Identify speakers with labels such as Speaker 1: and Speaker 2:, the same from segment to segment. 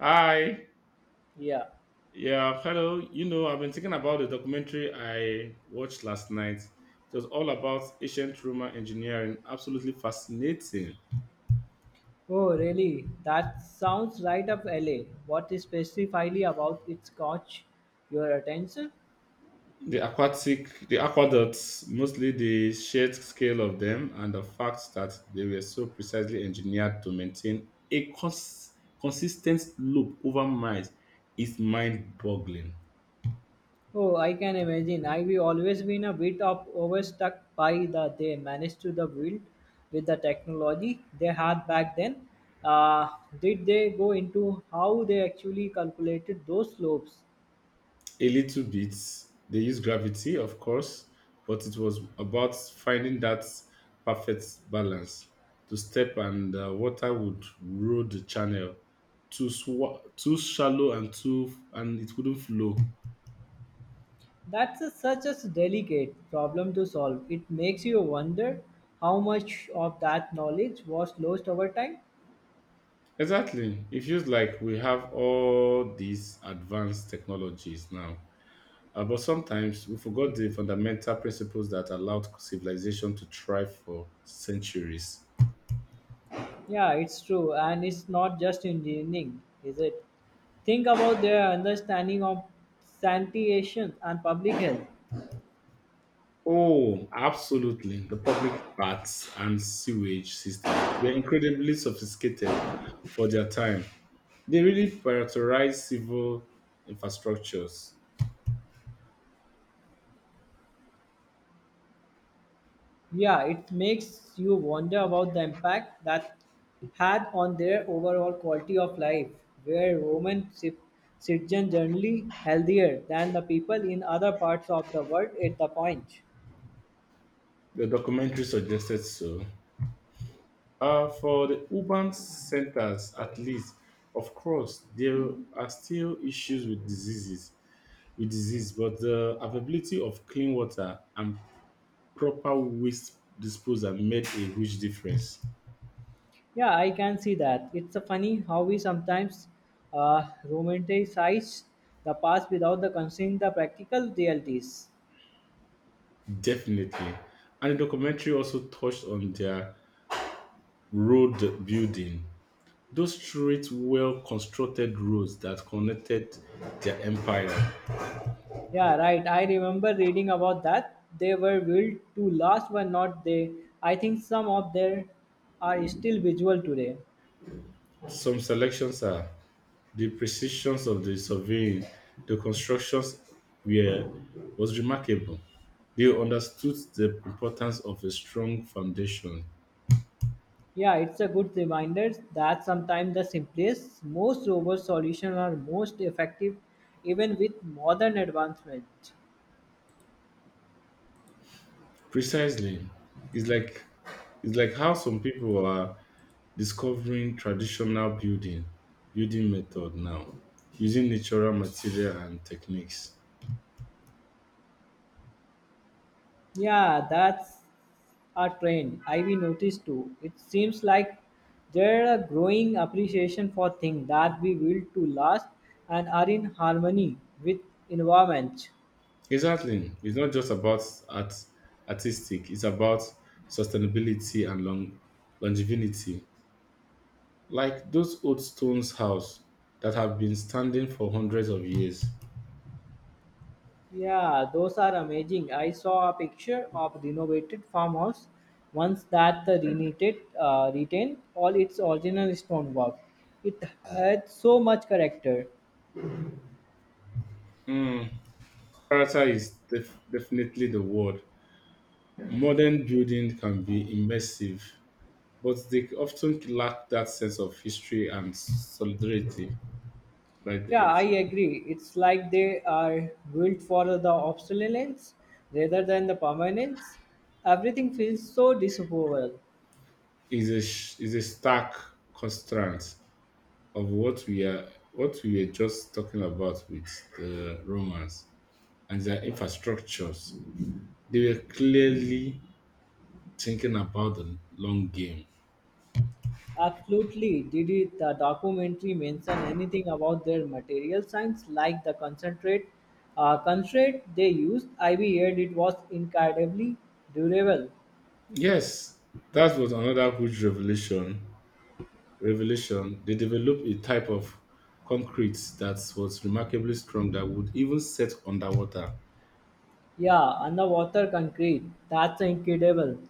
Speaker 1: Hi.
Speaker 2: Yeah.
Speaker 1: Yeah, hello. You know, I've been thinking about the documentary I watched last night. It was all about ancient Roman engineering. Absolutely fascinating.
Speaker 2: Oh, really? That sounds right up LA. What specifically about it caught your attention?
Speaker 1: The aqueducts, mostly the sheer scale of them, and the fact that they were so precisely engineered to maintain a consistent loop over miles is mind-boggling.
Speaker 2: Oh, I can imagine. I've always been a bit of overstuck by the they managed to the build with the technology they had back then. Uh, did they go into how they actually calculated those slopes?
Speaker 1: A little bit. They use gravity, of course, but it was about finding that perfect balance. To step and water would rule the channel too shallow and it wouldn't flow.
Speaker 2: That's a, such a delicate problem to solve. It makes you wonder how much of that knowledge was lost over time.
Speaker 1: Exactly. It feels like we have all these advanced technologies now. But sometimes we forgot the fundamental principles that allowed civilization to thrive for centuries.
Speaker 2: Yeah, it's true. And it's not just engineering, is it? Think about their understanding of sanitation and public health.
Speaker 1: Oh, absolutely. The public baths and sewage system were incredibly sophisticated for their time. They really prioritized civil infrastructures.
Speaker 2: Yeah, it makes you wonder about the impact that had on their overall quality of life, where Roman citizens generally healthier than the people in other parts of the world at the point.
Speaker 1: The documentary suggested so. For the urban centers, at least, of course, there are still issues with disease, but the availability of clean water and proper waste disposal made a huge difference.
Speaker 2: Yeah, I can see that. It's a funny how we sometimes romanticize the past without the considering the practical realities.
Speaker 1: Definitely. And the documentary also touched on their road building. Those streets well constructed roads that connected their empire.
Speaker 2: Yeah, right. I remember reading about that. They were built to last, were not they? I think some of them are still visual today.
Speaker 1: Some selections are the precisions of the surveying, the constructions were was remarkable. They understood the importance of a strong foundation.
Speaker 2: Yeah, it's a good reminder that sometimes the simplest, most robust solutions are most effective, even with modern advancement.
Speaker 1: Precisely. It's like it's like how some people are discovering traditional building method now using natural material and techniques.
Speaker 2: Yeah, that's a trend I've noticed too. It seems like there a growing appreciation for things that we built to last and are in harmony with environment.
Speaker 1: Exactly, it's not just about art artistic, it's about sustainability and longevity, like those old stones house that have been standing for hundreds of years.
Speaker 2: Yeah, those are amazing. I saw a picture of renovated farmhouse once that the renovated retained all its original stonework. It had so much character.
Speaker 1: mm, Character is definitely the word. Modern building can be immersive, but they often lack that sense of history and solidarity. But
Speaker 2: Yeah, I
Speaker 1: it's,
Speaker 2: agree. It's like they are built for the obsolescence rather than the permanence. Everything feels so disapproval.
Speaker 1: it's a stark contrast of what we were just talking about with the Romans and their infrastructures. They were clearly thinking about the long game.
Speaker 2: Absolutely. Did it, the documentary mention anything about their material science, like the concentrate they used? I heard it was incredibly durable.
Speaker 1: Yes, that was another huge revelation. Revelation. They developed a type of concrete that was remarkably strong that would even set underwater.
Speaker 2: Yeah, underwater concrete. That's incredible.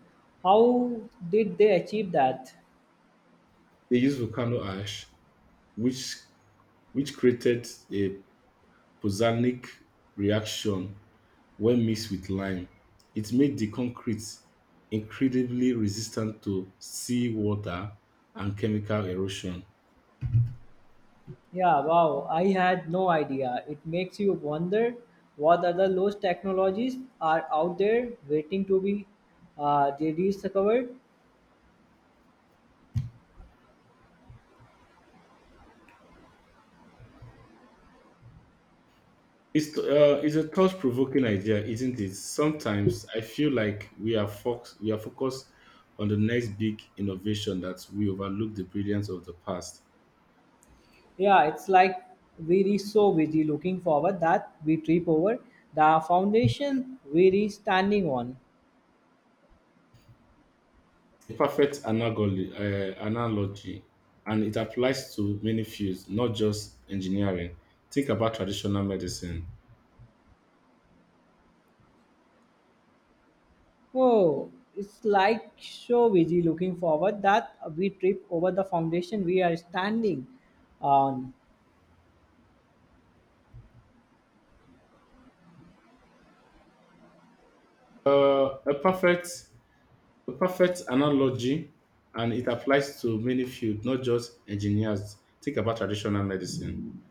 Speaker 2: How did they achieve that?
Speaker 1: They used volcano ash, which which created a Pozzanic reaction when mixed with lime. It made the concrete incredibly resistant to seawater and chemical erosion.
Speaker 2: Yeah, wow, I had no idea. It makes you wonder what other lost technologies are out there waiting to be rediscovered.
Speaker 1: It's a thought-provoking idea, isn't it? Sometimes I feel like we are focused on the next big innovation that we overlook the brilliance of the past.
Speaker 2: Yeah, it's like we are so busy looking forward that we trip over the foundation we are standing on.
Speaker 1: Analogy, and it applies to many fields, not just engineering. Think about traditional medicine.
Speaker 2: Whoa, it's like so busy looking forward that we trip over the foundation we are standing on.
Speaker 1: Uh, a perfect a perfect analogy, and it applies to many fields, not just engineers. Think about traditional medicine.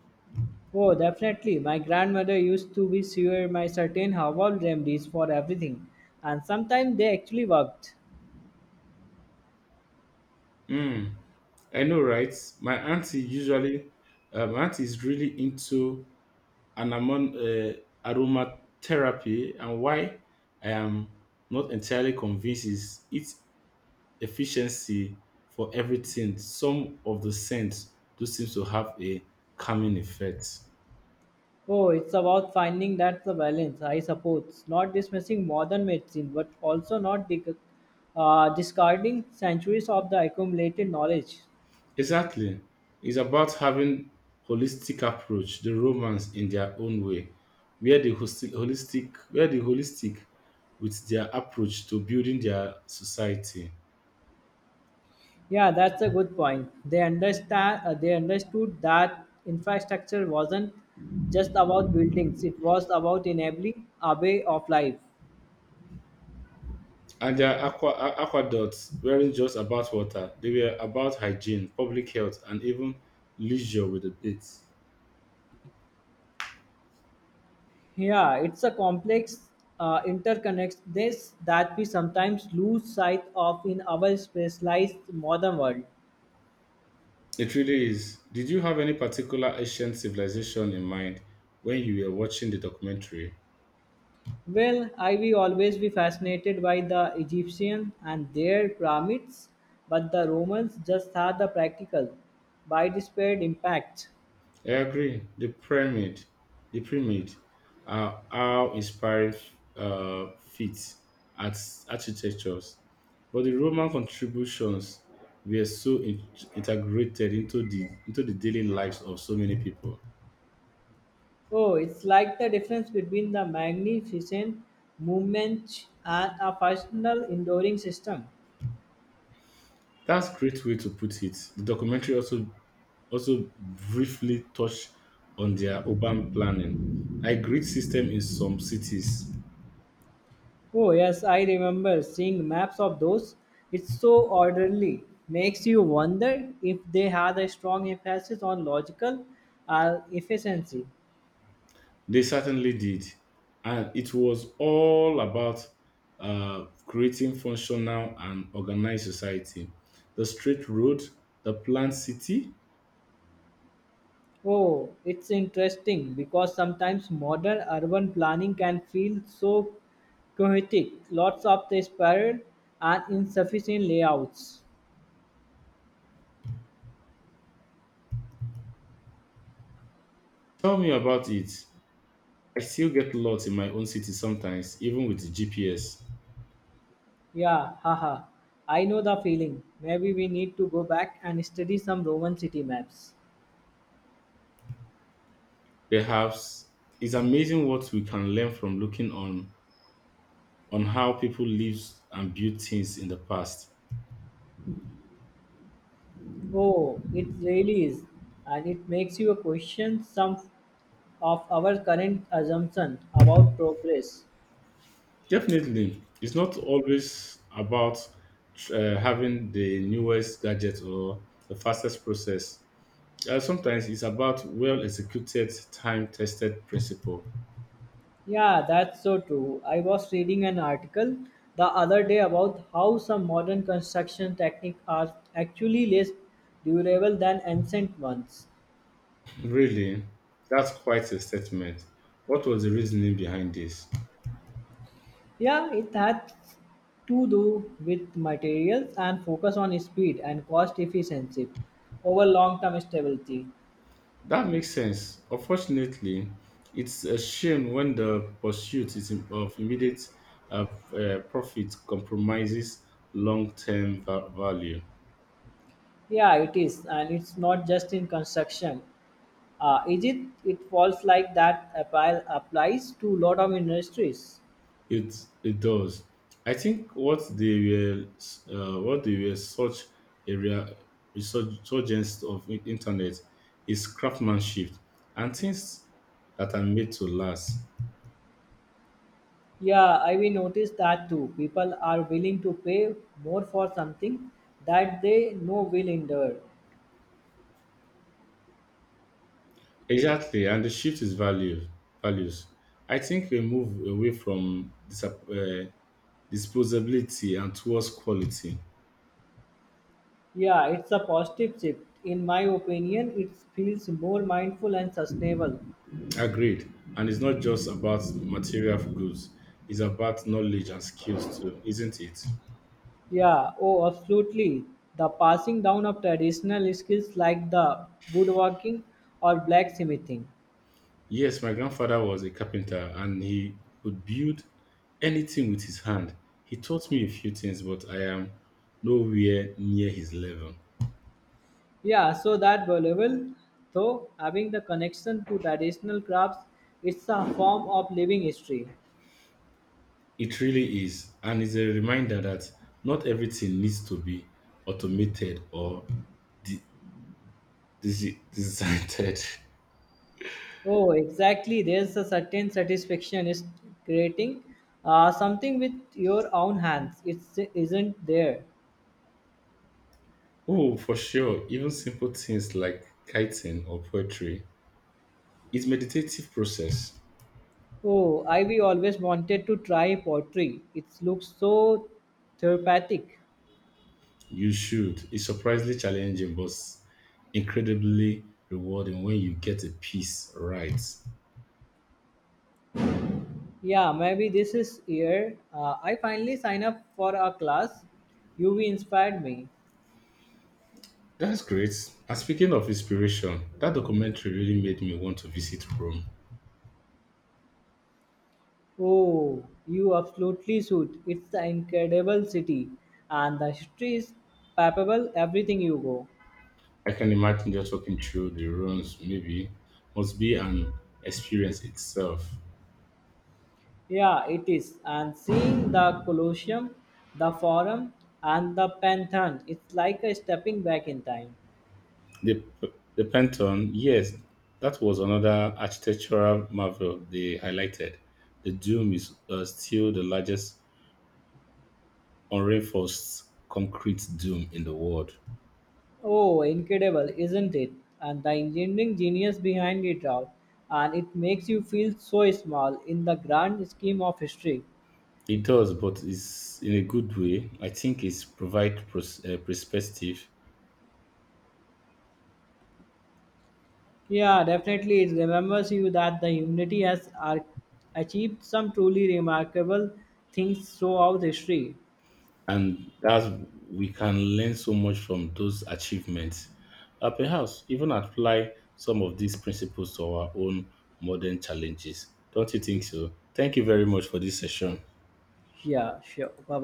Speaker 2: Oh, definitely. My grandmother used to be sure my certain herbal remedies for everything, and sometimes they actually worked.
Speaker 1: Hmm. I know, right? My auntie usually, my auntie is really into anamon aromatherapy, and why I am not entirely convinced is its efficiency for everything. Some of the scents do seem to have a calming effect.
Speaker 2: Oh, it's about finding that the balance, I suppose. Not dismissing modern medicine, but also not discarding centuries of the accumulated knowledge.
Speaker 1: Exactly. It's about having holistic approach, the Romans in their own way, where the holistic with their approach to building their society.
Speaker 2: Yeah, that's a good point. They understand. They understood that infrastructure wasn't just about buildings; it was about enabling a way of life.
Speaker 1: And their aqueducts weren't just about water, they were about hygiene, public health, and even leisure with the it.
Speaker 2: Yeah, it's a complex interconnectedness that we sometimes lose sight of in our specialized modern world.
Speaker 1: It really is. Did you have any particular ancient civilization in mind when you were watching the documentary?
Speaker 2: Well, I will always be fascinated by the Egyptian and their pyramids, but the Romans just had the practical, by disparate impact.
Speaker 1: I agree. The pyramid, how inspiring feats at architectures, but the Roman contributions were integrated into the daily lives of so many people.
Speaker 2: Oh, it's like the difference between the magnificent movement and a functional enduring system.
Speaker 1: That's a great way to put it. The documentary also Also briefly touched on their urban planning, a grid system in some cities.
Speaker 2: Oh, yes, I remember seeing maps of those. It's so orderly. Makes you wonder if they had a strong emphasis on logical efficiency.
Speaker 1: They certainly did. And it was all about creating functional and organized society. The straight road, the planned city.
Speaker 2: Oh, it's interesting because sometimes modern urban planning can feel so chaotic. Lots of the spiral and insufficient layouts.
Speaker 1: Tell me about it. I still get lost in my own city sometimes, even with the GPS.
Speaker 2: Yeah, haha. I know the feeling. Maybe we need to go back and study some Roman city maps.
Speaker 1: Perhaps it's amazing what we can learn from looking on how people lived and built things in the past.
Speaker 2: Oh, it really is. And it makes you question some of our current assumption about progress.
Speaker 1: Definitely, it's not always about having the newest gadget or the fastest process. Sometimes it's about well executed, time tested principle.
Speaker 2: Yeah, that's so true. I was reading an article the other day about how some modern construction techniques are actually less durable than ancient ones.
Speaker 1: Really, that's quite a statement. What was the reasoning behind this?
Speaker 2: Yeah, it had to do with materials and focus on speed and cost efficiency over long term stability.
Speaker 1: That makes sense. Unfortunately, it's a shame when the pursuit is im- of immediate uh, profit compromises long term value.
Speaker 2: Yeah, it is, and it's not just in construction. Is it it falls like that applies to lot of industries.
Speaker 1: It it does. I think what they were such a rea- resurgence of internet is craftsmanship and things that are made to last.
Speaker 2: Yeah, I will notice that too. People are willing to pay more for something that they know will endure.
Speaker 1: Exactly, and the shift is value values. I think we move away from disposability and towards quality.
Speaker 2: Yeah, it's a positive shift in my opinion. It feels more mindful and sustainable.
Speaker 1: Agreed, and it's not just about material goods; it's about knowledge and skills too, isn't it?
Speaker 2: Yeah, oh absolutely, the passing down of traditional skills like the woodworking or blacksmithing.
Speaker 1: Yes, my grandfather was a carpenter and he could build anything with his hand. He taught me a few things, but I am nowhere near his level.
Speaker 2: Yeah, so that valuable, though having the connection to traditional crafts, it's a form of living history.
Speaker 1: It really is, and it's a reminder that not everything needs to be automated or de- designed.
Speaker 2: Oh, exactly. There's a certain satisfaction is creating something with your own hands. It isn't there.
Speaker 1: Oh, for sure, even simple things like kiting or poetry. It's meditative process.
Speaker 2: Oh, I we always wanted to try pottery. It looks so therapeutic.
Speaker 1: You should. It's surprisingly challenging, but incredibly rewarding when you get a piece right.
Speaker 2: Yeah, maybe this is year. I finally sign up for a class. You inspired me.
Speaker 1: That's great. And speaking of inspiration, that documentary really made me want to visit Rome.
Speaker 2: Oh, you absolutely should. It's the incredible city, and the history is palpable everything you go.
Speaker 1: I can imagine just walking through the ruins, maybe, must be an experience itself.
Speaker 2: Yeah, it is. And seeing the Colosseum, the Forum, and the Pantheon, it's like a stepping back in time.
Speaker 1: The, the Pantheon, yes, that was another architectural marvel they highlighted. The dome is still the largest unreinforced concrete dome in the world.
Speaker 2: Oh, incredible, isn't it? And the engineering genius behind it all. And it makes you feel so small in the grand scheme of history.
Speaker 1: It does, but it's in a good way. I think perspective,
Speaker 2: Yeah, definitely. It remembers you that the humanity has achieved some truly remarkable things throughout history.
Speaker 1: and that's we can learn so much from those achievements. Perhaps even apply some of these principles to our own modern challenges. Don't you think so? Thank you very much for this session.
Speaker 2: Yeah, sure. Bye bye.